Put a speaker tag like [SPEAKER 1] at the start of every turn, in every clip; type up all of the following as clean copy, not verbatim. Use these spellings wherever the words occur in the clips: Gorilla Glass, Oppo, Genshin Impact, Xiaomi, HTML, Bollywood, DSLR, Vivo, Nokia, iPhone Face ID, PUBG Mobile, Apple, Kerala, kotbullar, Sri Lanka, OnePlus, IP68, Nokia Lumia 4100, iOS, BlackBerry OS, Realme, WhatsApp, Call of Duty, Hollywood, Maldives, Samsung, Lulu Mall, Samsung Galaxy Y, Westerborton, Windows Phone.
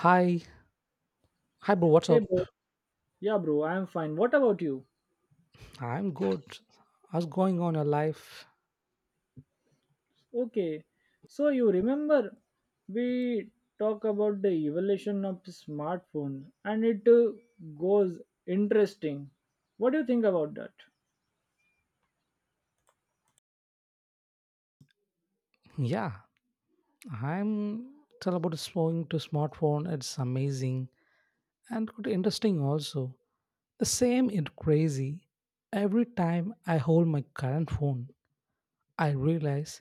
[SPEAKER 1] Hi, hi, bro. What's
[SPEAKER 2] Hey
[SPEAKER 1] up?
[SPEAKER 2] bro, yeah bro, I'm fine. What about you?
[SPEAKER 1] I'm good. How's going on your life?
[SPEAKER 2] Okay, so you remember we talk about the evolution of smartphone and it goes interesting. What do you think about that?
[SPEAKER 1] Yeah, I'm tell about switching to smartphone. It's amazing and good, interesting also. The same in crazy. Every time I hold my current phone, I realize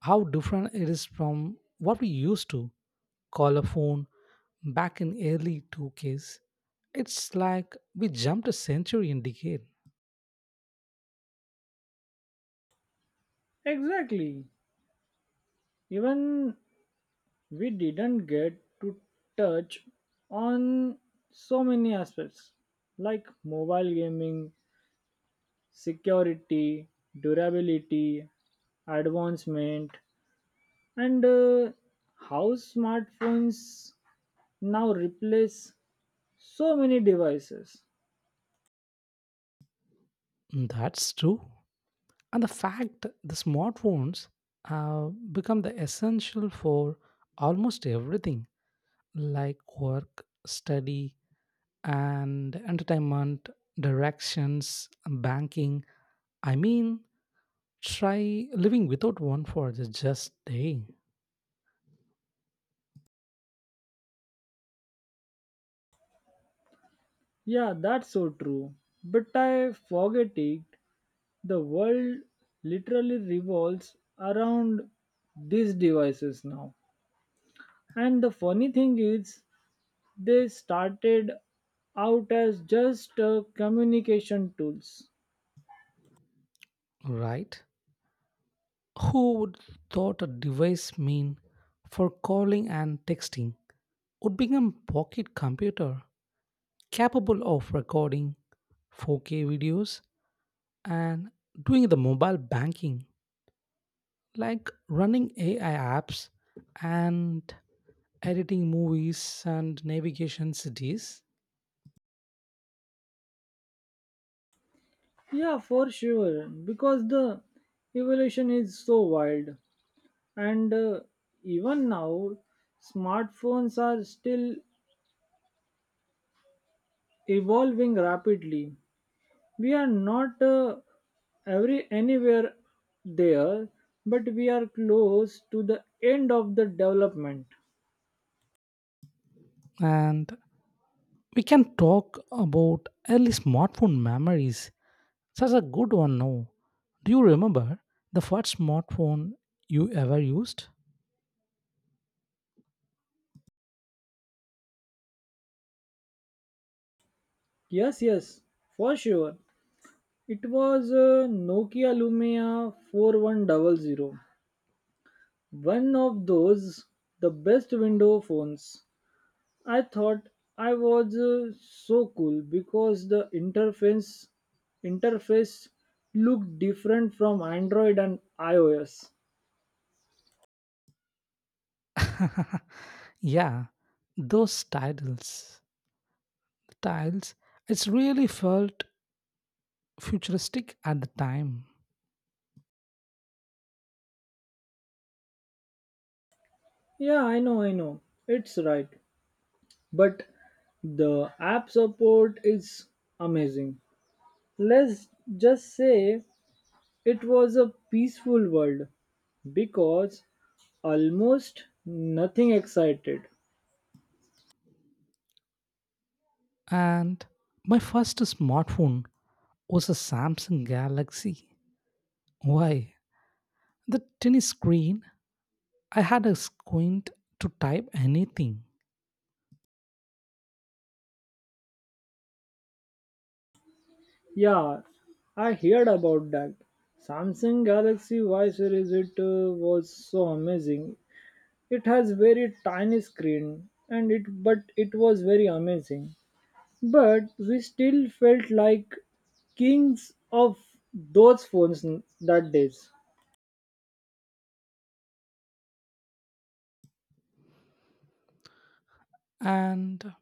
[SPEAKER 1] how different it is from what we used to call a phone back in early 2Ks. It's like we jumped a century in decade.
[SPEAKER 2] Exactly. Even we didn't get to touch on so many aspects like mobile gaming, security, durability, advancement, and how smartphones now replace so many devices.
[SPEAKER 1] That's true. And the fact the smartphones have become the essential for almost everything like work, study, and entertainment, directions, banking. I mean, try living without one for the just day,
[SPEAKER 2] Yeah, that's so true, but I forget it, the world literally revolves around these devices now. And the funny thing is they started out as just communication tools.
[SPEAKER 1] right? Who would thought a device mean for calling and texting would become pocket computer capable of recording 4K videos and doing the mobile banking like running ai apps and editing movies and navigation cities.
[SPEAKER 2] Yeah, for sure, because the evolution is so wild. And even now smartphones are still evolving rapidly. We are not every anywhere there, but we are close to the end of the development.
[SPEAKER 1] And we can talk about early smartphone memories, such a good one, no? Do you remember the first smartphone you ever used?
[SPEAKER 2] Yes, yes, for sure. It was nokia lumia 4100 100, one of those, the best window phones. I thought I was so cool because the interface looked different from Android and iOS.
[SPEAKER 1] Yeah, those titles tiles, it's really felt futuristic at the time.
[SPEAKER 2] Yeah, I know, I know. It's right. But the app support is amazing. Let's just say it was a peaceful world because almost nothing excited.
[SPEAKER 1] And my first smartphone was a Samsung Galaxy. Why? The tiny screen, I had a squint to type anything.
[SPEAKER 2] Yeah, I heard about that. Samsung Galaxy Y series it was so amazing. It has very tiny screen and it but it was very amazing. But we still felt like kings of those phones that days.
[SPEAKER 1] and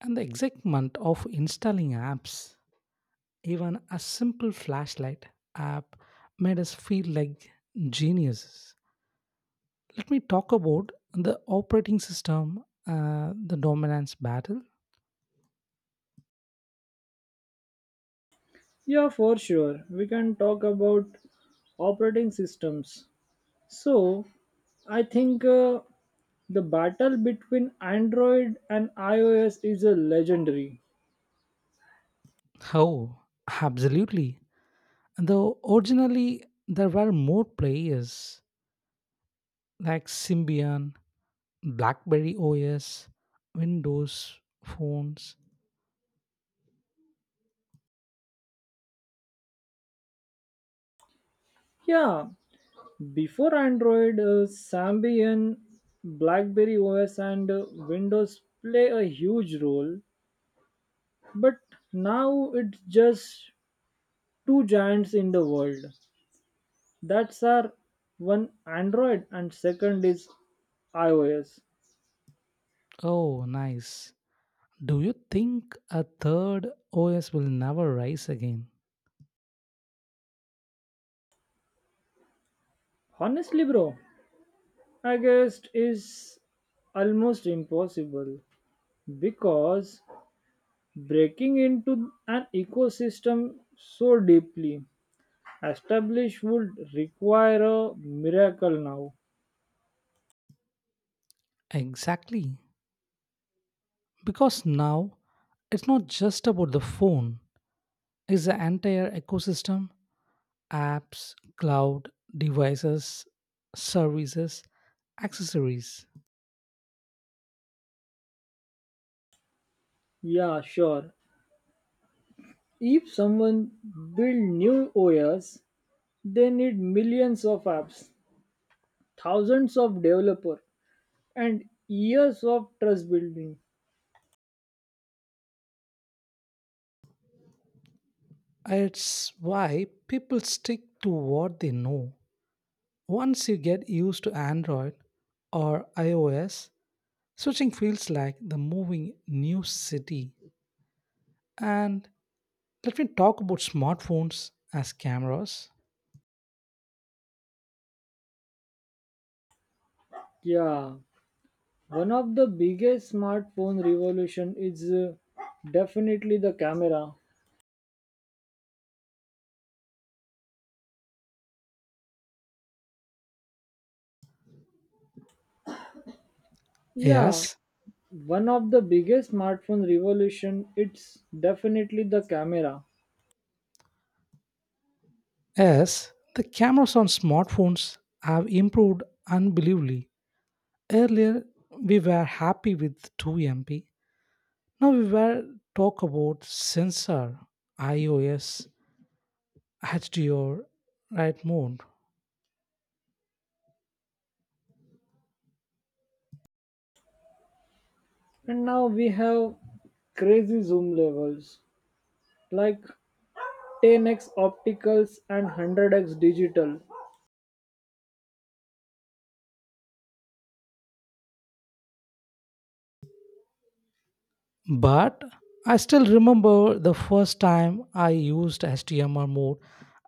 [SPEAKER 1] and the excitement of installing apps, even a simple flashlight app made us feel like geniuses. Let me talk about the operating system, the dominance battle.
[SPEAKER 2] Yeah, for sure. We can talk about operating systems. So, I think the battle between Android and iOS is a legendary.
[SPEAKER 1] Oh, absolutely. Though originally there were more players, like Symbian, BlackBerry OS, Windows phones.
[SPEAKER 2] Yeah, before Android, Symbian, BlackBerry OS, and Windows play a huge role, but now it's just two giants in the world. That's our one Android, and second is iOS.
[SPEAKER 1] Oh, nice. Do you think a third OS will never rise again?
[SPEAKER 2] Honestly, bro, I guess is almost impossible because breaking into an ecosystem so deeply establish would require a miracle now.
[SPEAKER 1] Exactly. Because now it's not just about the phone, it's the entire ecosystem, apps, cloud, devices, services, accessories.
[SPEAKER 2] Yeah, sure. If someone build new OS, they need millions of apps, thousands of developer, and years of trust building.
[SPEAKER 1] It's why people stick to what they know. Once you get used to Android or iOS, switching feels like the moving new city. And let me talk about smartphones as cameras.
[SPEAKER 2] Yeah, one of the biggest smartphone revolution is definitely the camera. Yeah,
[SPEAKER 1] Yes,
[SPEAKER 2] one of the biggest smartphone revolution it's definitely the camera.
[SPEAKER 1] yes, the cameras on smartphones have improved unbelievably. Earlier, we were happy with 2MP. Now we were talk about sensor, iOS, HDR, right mode.
[SPEAKER 2] And now we have crazy zoom levels like 10x opticals and 100x digital.
[SPEAKER 1] But I still remember the first time I used HTML mode.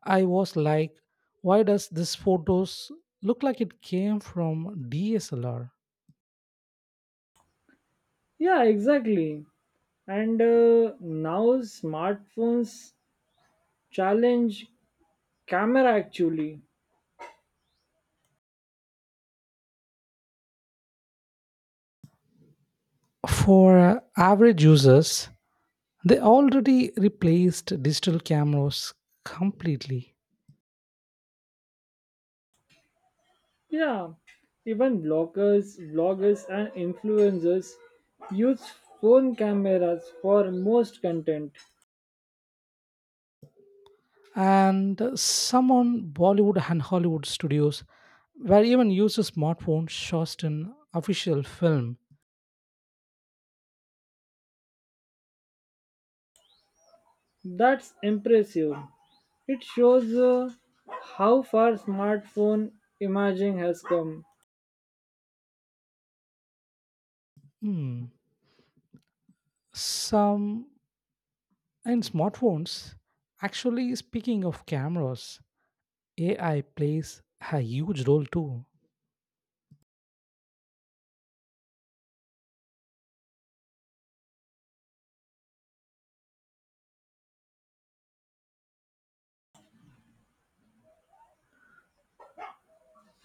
[SPEAKER 1] I was like, why does this photos look like it came from DSLR?
[SPEAKER 2] Yeah, exactly. And now smartphones challenge camera actually.
[SPEAKER 1] For average users, they already replaced digital cameras completely.
[SPEAKER 2] Yeah, even bloggers and influencers use phone cameras for most content.
[SPEAKER 1] And some on Bollywood and Hollywood studios were even used a smartphone shot in official film.
[SPEAKER 2] That's impressive. It shows how far smartphone imaging has come.
[SPEAKER 1] Hmm. Some And smartphones, actually speaking of cameras, AI plays a huge role too.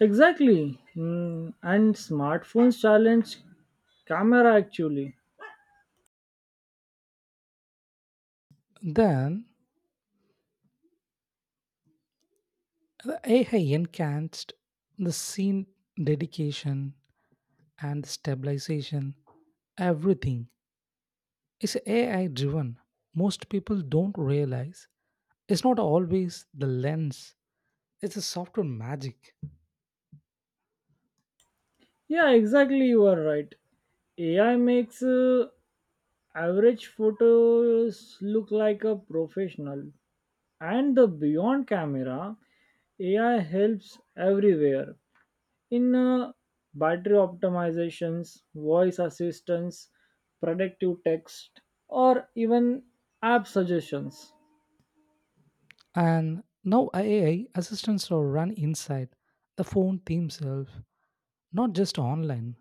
[SPEAKER 2] Exactly. Mm, and smartphones challenge camera actually.
[SPEAKER 1] Then the AI enhanced the scene dedication and stabilization, everything is AI driven. Most people don't realize it's not always the lens, it's a software magic.
[SPEAKER 2] Yeah, exactly. You are right. AI makes average photos look like a professional. And the beyond camera, AI helps everywhere in battery optimizations, voice assistance, predictive text, or even app suggestions.
[SPEAKER 1] And now AI assistants are run inside the phone themselves, not just online.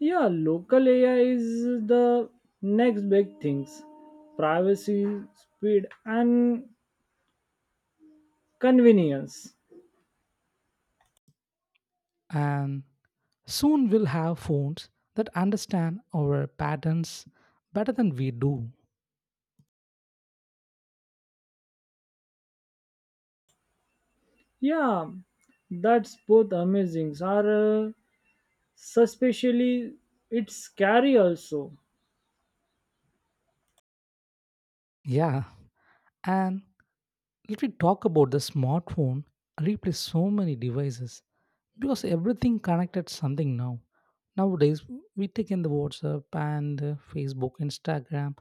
[SPEAKER 2] Yeah, local AI is the next big things. Privacy, speed and convenience.
[SPEAKER 1] And soon we'll have phones that understand our patterns better than we do.
[SPEAKER 2] Yeah, that's both amazing. Are suspiciously it's scary also.
[SPEAKER 1] Yeah. And let me talk about the smartphone replace so many devices, because everything connected something now, nowadays we take in the WhatsApp and Facebook, Instagram.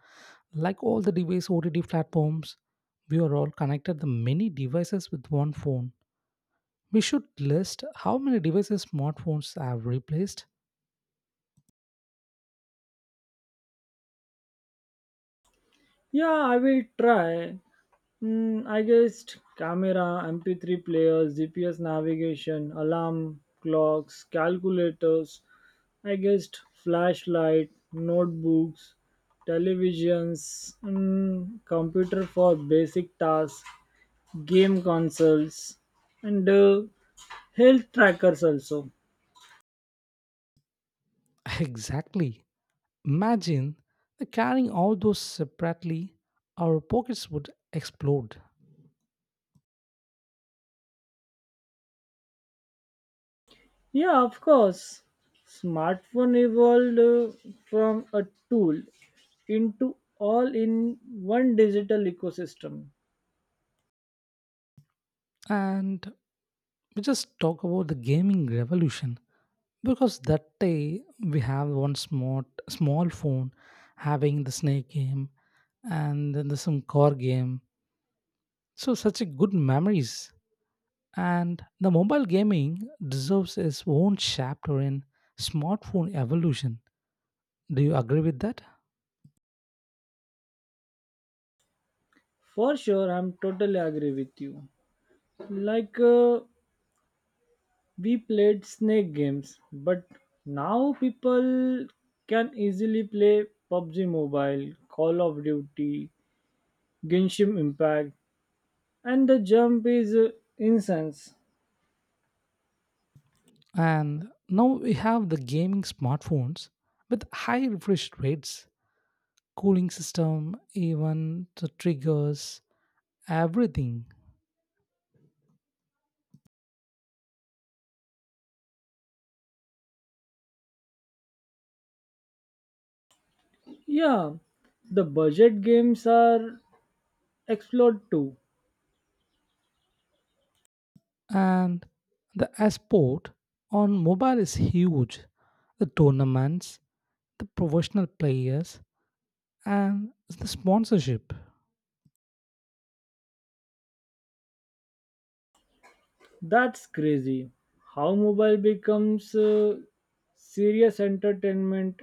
[SPEAKER 1] Like all the device OTT platforms, we are all connected the many devices with one phone. We should list how many devices smartphones have replaced.
[SPEAKER 2] Yeah, I will try. Mm, I guessed camera, MP3 players, GPS navigation, alarm clocks, calculators, I guessed flashlight, notebooks, televisions, and computer for basic tasks, game consoles, and health trackers also.
[SPEAKER 1] Exactly. Imagine carrying all those separately, our pockets would explode.
[SPEAKER 2] Yeah, of course. Smartphone evolved from a tool into all in one digital ecosystem.
[SPEAKER 1] And we just talk about the gaming revolution, because that day we have one smart small phone having the snake game and then the some core game. So such a good memories. And the mobile gaming deserves its own chapter in smartphone evolution. Do you agree with that?
[SPEAKER 2] For sure, I'm totally agree with you. Like we played snake games, but now people can easily play PUBG Mobile, Call of Duty, Genshin Impact, and the jump is incense.
[SPEAKER 1] And now we have the gaming smartphones with high refresh rates, cooling system, even the triggers, everything.
[SPEAKER 2] Yeah, the budget games are explored too.
[SPEAKER 1] And the sport on mobile is huge. The tournaments, the professional players, and the sponsorship.
[SPEAKER 2] That's crazy. How mobile becomes serious entertainment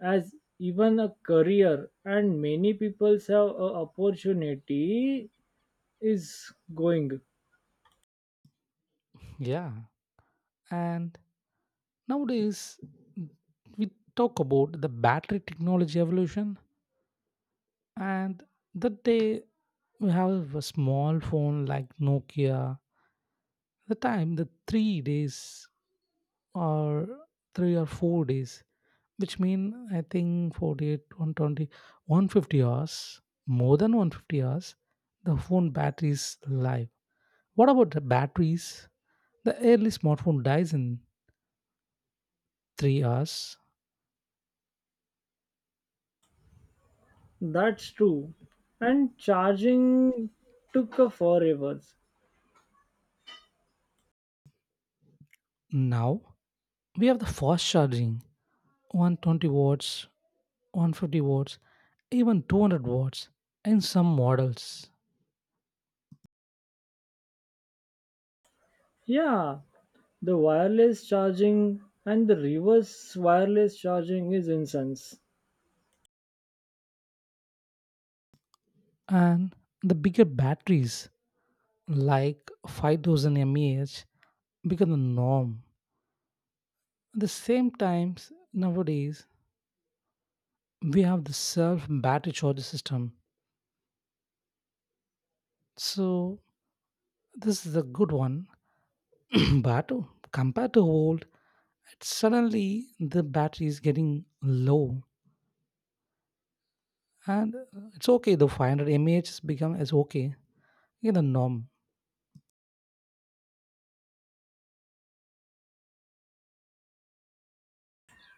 [SPEAKER 2] as even a career and many people have a opportunity is going.
[SPEAKER 1] Yeah. And nowadays, we talk about the battery technology evolution, and that day we have a small phone like Nokia. The time, the 3 days or 3 or 4 days, which mean I think 48, 120, 150 hours, more than 150 hours, the phone battery is live. What about the batteries? The early smartphone dies in 3 hours.
[SPEAKER 2] That's true. And charging took a forever.
[SPEAKER 1] Now we have the fast charging 120 watts, 150 watts, even 200 watts in some models.
[SPEAKER 2] Yeah, the wireless charging and the reverse wireless charging is incense.
[SPEAKER 1] And the bigger batteries, like 5,000 mAh, become the norm. At the same times, nowadays, we have the self battery charger system. So, this is a good one. But compared to old, it's suddenly the battery is getting low. And it's okay, the 500 mAh has become is okay in the norm.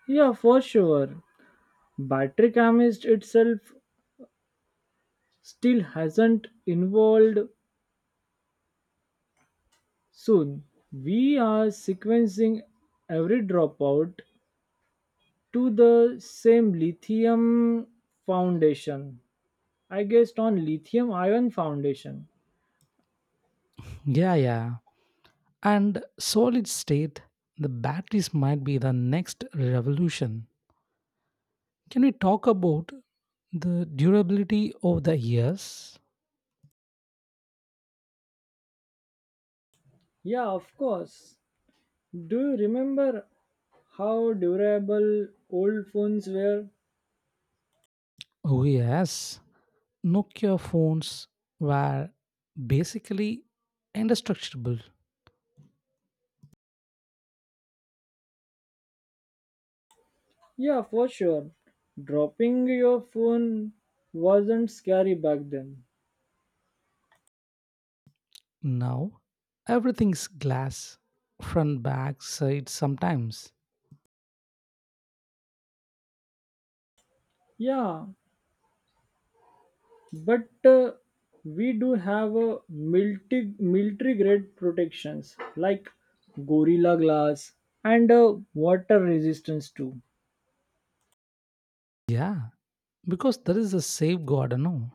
[SPEAKER 2] Yeah, for sure. Battery chemist itself still hasn't involved soon. We are sequencing every dropout to the same lithium foundation. I guessed on lithium ion foundation.
[SPEAKER 1] Yeah, yeah. And solid state, the batteries might be the next revolution. Can we talk about the durability of the years?
[SPEAKER 2] Yeah, of course. Do you remember how durable old phones were?
[SPEAKER 1] Oh, yes. Nokia phones were basically indestructible.
[SPEAKER 2] Yeah, for sure. Dropping your phone wasn't scary back then.
[SPEAKER 1] Now, everything's glass, front, back, side, sometimes.
[SPEAKER 2] Yeah, but we do have a military grade protections like Gorilla Glass and water resistance too.
[SPEAKER 1] Yeah, because there is a safeguard, no?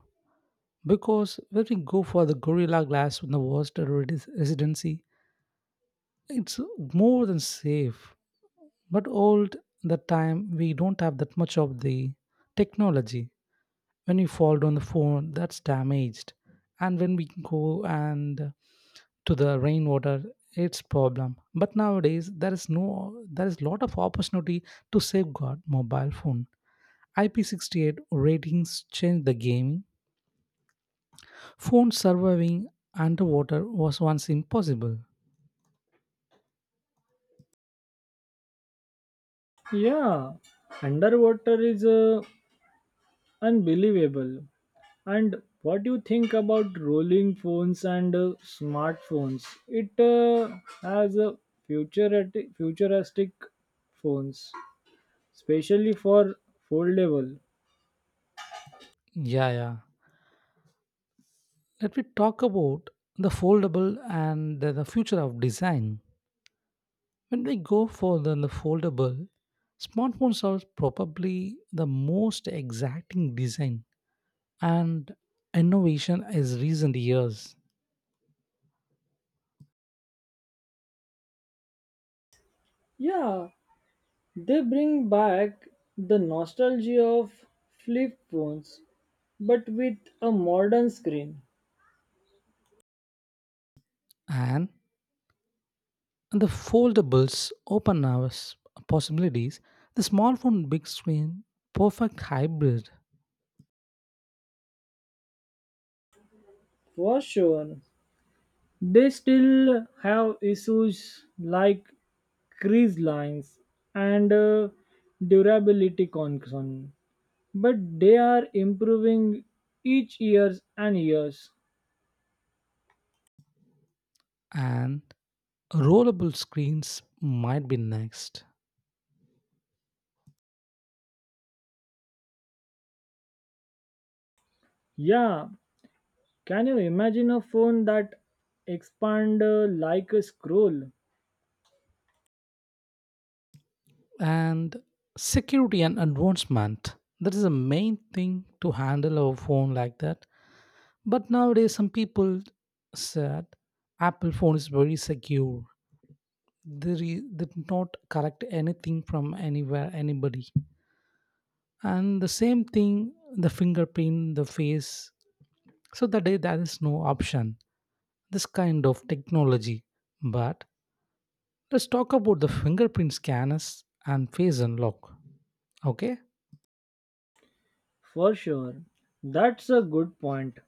[SPEAKER 1] Because when we go for the Gorilla Glass in the worst residency, it's more than safe, but old that time we don't have that much of the technology. When we fall down the phone, that's damaged, and when we go and to the rainwater, it's problem. But nowadays there is no, there is lot of opportunity to safeguard mobile phone. IP68 ratings changed the gaming. Phone surviving underwater was once impossible.
[SPEAKER 2] Yeah, underwater is unbelievable. And what do you think about rolling phones and smartphones? It has a futuristic phones, especially for foldable.
[SPEAKER 1] Yeah, yeah. Let me talk about the foldable and the future of design. When we go for the foldable, smartphones are probably the most exacting design and innovation is recent years.
[SPEAKER 2] Yeah, they bring back the nostalgia of flip phones, but with a modern screen,
[SPEAKER 1] And the foldables open our possibilities. The smartphone big screen, perfect hybrid,
[SPEAKER 2] for sure. They still have issues like crease lines and durability concern, but they are improving each years and years.
[SPEAKER 1] and rollable screens might be next.
[SPEAKER 2] Yeah, can you imagine a phone that expand like a scroll?
[SPEAKER 1] And security and advancement, that is the main thing to handle our phone like that. But nowadays some people said Apple phone is very secure, they they did not correct anything from anywhere anybody. And the same thing, the fingerprint, the face, so that day there is no option this kind of technology. But let's talk about the fingerprint scanners and face unlock, okay?
[SPEAKER 2] For sure, that's a good point.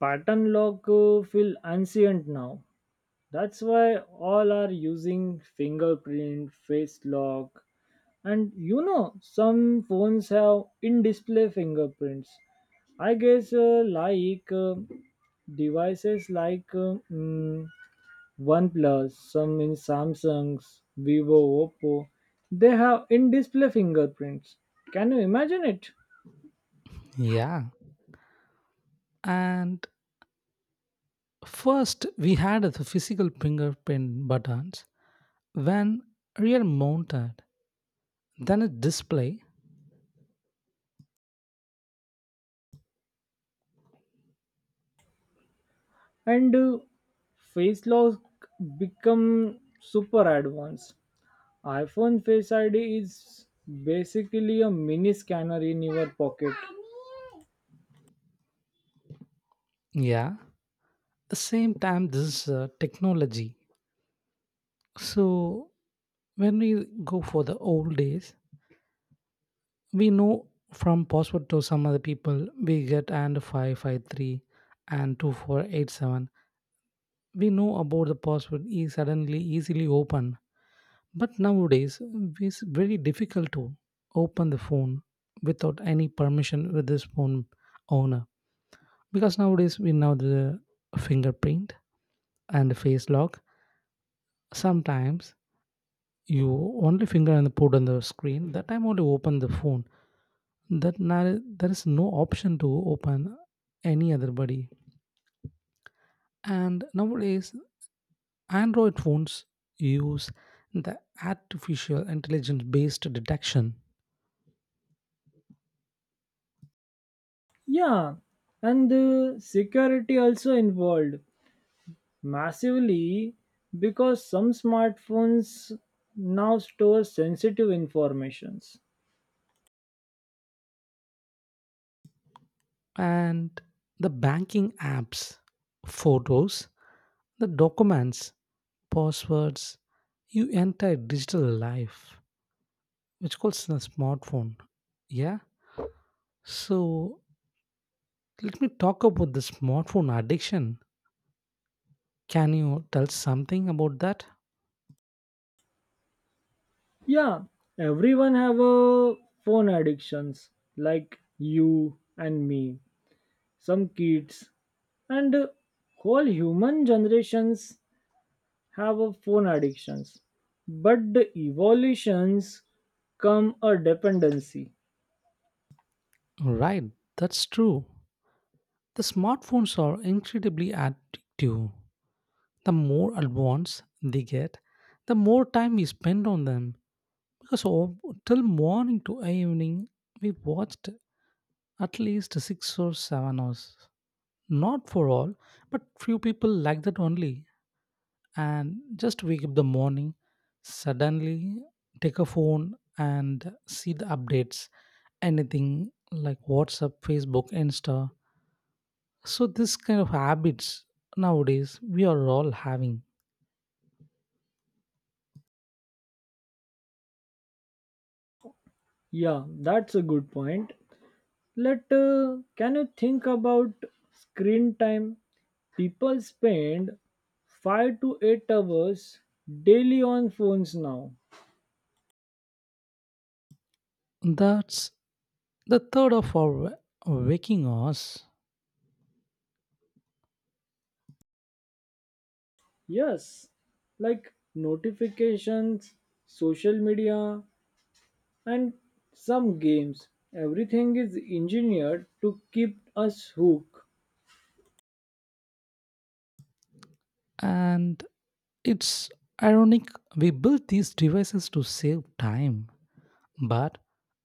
[SPEAKER 2] Pattern lock feel ancient now. That's why all are using fingerprint face lock. And you know, some phones have in display fingerprints. I guess like devices like mm, OnePlus, some in Samsung's, Vivo, Oppo, they have in display fingerprints. Can you imagine it?
[SPEAKER 1] Yeah. And first, we had the physical fingerprint buttons when real mounted, then a display.
[SPEAKER 2] And face lock become super advanced. iPhone Face ID is basically a mini scanner in your pocket.
[SPEAKER 1] Yeah, the same time this technology. So when we go for the old days, we know from password to some other people we get and 553 and 2487. We know about the password is suddenly easily open. But nowadays, it's very difficult to open the phone without any permission with this phone owner. Because nowadays we know the fingerprint and the face lock. Sometimes you only finger and put on the screen. That time only open the phone. That now there is no option to open any other body. And nowadays Android phones use the artificial intelligence based detection
[SPEAKER 2] Yeah, and the security also involved massively because some smartphones now store sensitive informations.
[SPEAKER 1] and the banking apps, photos, the documents, passwords, you entire digital life, which calls a smartphone. Yeah. So let me talk about the smartphone addiction. Can you tell something about that?
[SPEAKER 2] Yeah, everyone have a phone addictions like you and me, some kids and whole human generations have a phone addictions. But the evolutions come a dependency.
[SPEAKER 1] Right, that's true. The smartphones are incredibly addictive. The more advanced they get, the more time we spend on them. Because all, till morning to evening, we watched at least 6 or 7 hours. Not for all, but few people like that only. And just wake up the morning, suddenly take a phone and see the updates. Anything like WhatsApp, Facebook, Insta. So this kind of habits nowadays we are all having.
[SPEAKER 2] Yeah, that's a good point. Let can you think about screen time? People spend 5 to 8 hours daily on phones now.
[SPEAKER 1] That's the third of our waking hours,
[SPEAKER 2] Yes, like notifications, social media, and some games. Everything is engineered to keep us hooked.
[SPEAKER 1] and it's ironic, we built these devices to save time, but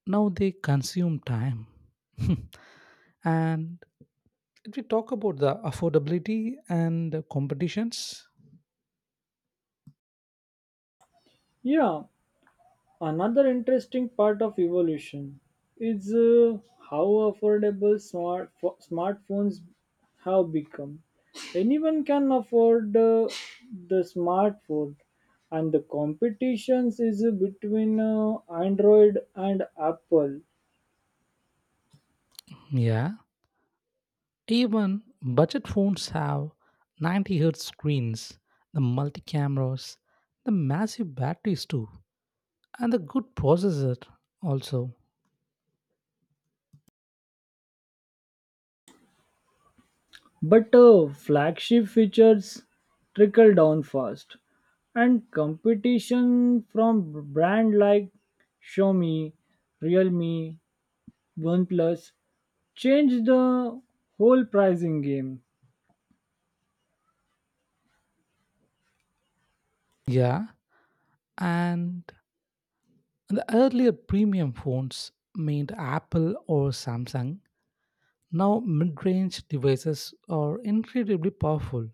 [SPEAKER 1] now they consume time. And if we talk about the affordability and the competitions,
[SPEAKER 2] Yeah, another interesting part of evolution is how affordable smartphones have become. Anyone can afford the smartphone, and the competitions is between Android and Apple.
[SPEAKER 1] yeah, even budget phones have 90 hertz screens, the multi cameras, the massive batteries too, and the good processor also.
[SPEAKER 2] But flagship features trickle down fast, and competition from brand like Xiaomi, Realme, OnePlus changed the whole pricing game.
[SPEAKER 1] Yeah, and the earlier premium phones made Apple or Samsung. Now mid-range devices are incredibly powerful.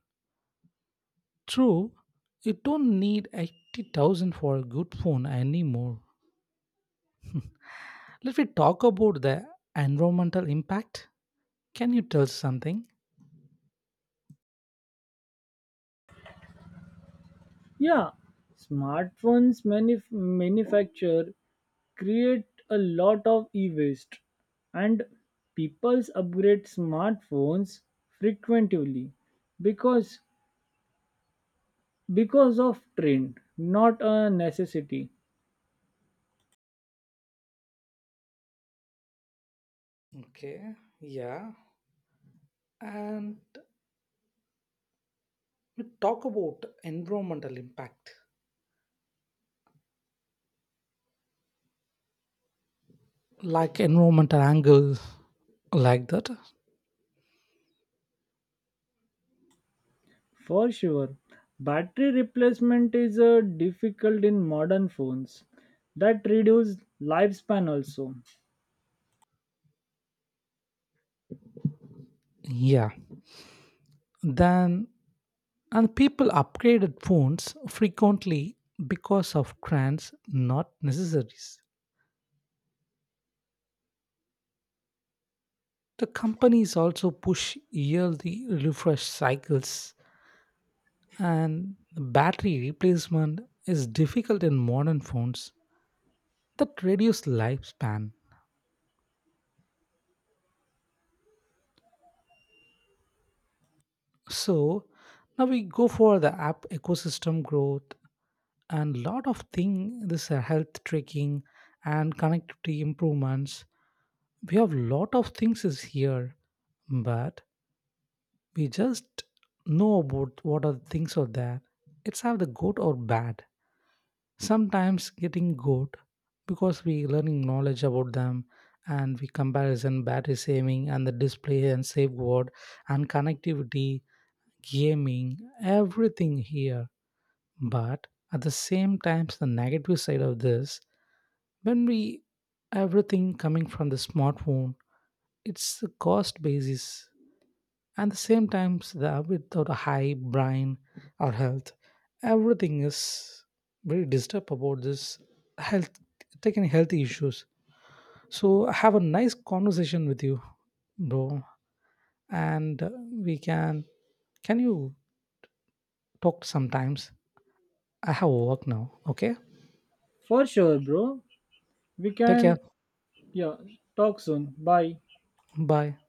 [SPEAKER 1] True, you don't need 80,000 for a good phone anymore. Let me talk about the environmental impact. Can you tell something?
[SPEAKER 2] Yeah, smartphones manufacture create a lot of e-waste and people upgrade smartphones frequently because because of trend not a necessity.
[SPEAKER 1] Okay, yeah. And we talk about environmental impact, like environmental angle, like that.
[SPEAKER 2] For sure, battery replacement is difficult in modern phones that reduce lifespan also.
[SPEAKER 1] Yeah. Then, and people upgraded phones frequently because of trends, not necessaries. The companies also push yearly refresh cycles, and the battery replacement is difficult in modern phones that reduce lifespan. So now we go for the app ecosystem growth and lot of thing, this health tracking and connectivity improvements. We have lot of things is here, but we just know about what are the things are there. It's have the good or bad. Sometimes getting good, because we learning knowledge about them and we comparison battery saving and the display and safeguard and connectivity gaming everything here. But at the same time, the negative side of this, when we everything coming from the smartphone, it's the cost basis. And the same times the without a high brain or health, everything is very disturbed about this health, taking health issues. So have a nice conversation with you, bro. And we can you talk sometimes? I have work now. Okay.
[SPEAKER 2] For sure bro, we
[SPEAKER 1] Take
[SPEAKER 2] can.
[SPEAKER 1] care.
[SPEAKER 2] Yeah. Talk soon. Bye.
[SPEAKER 1] Bye.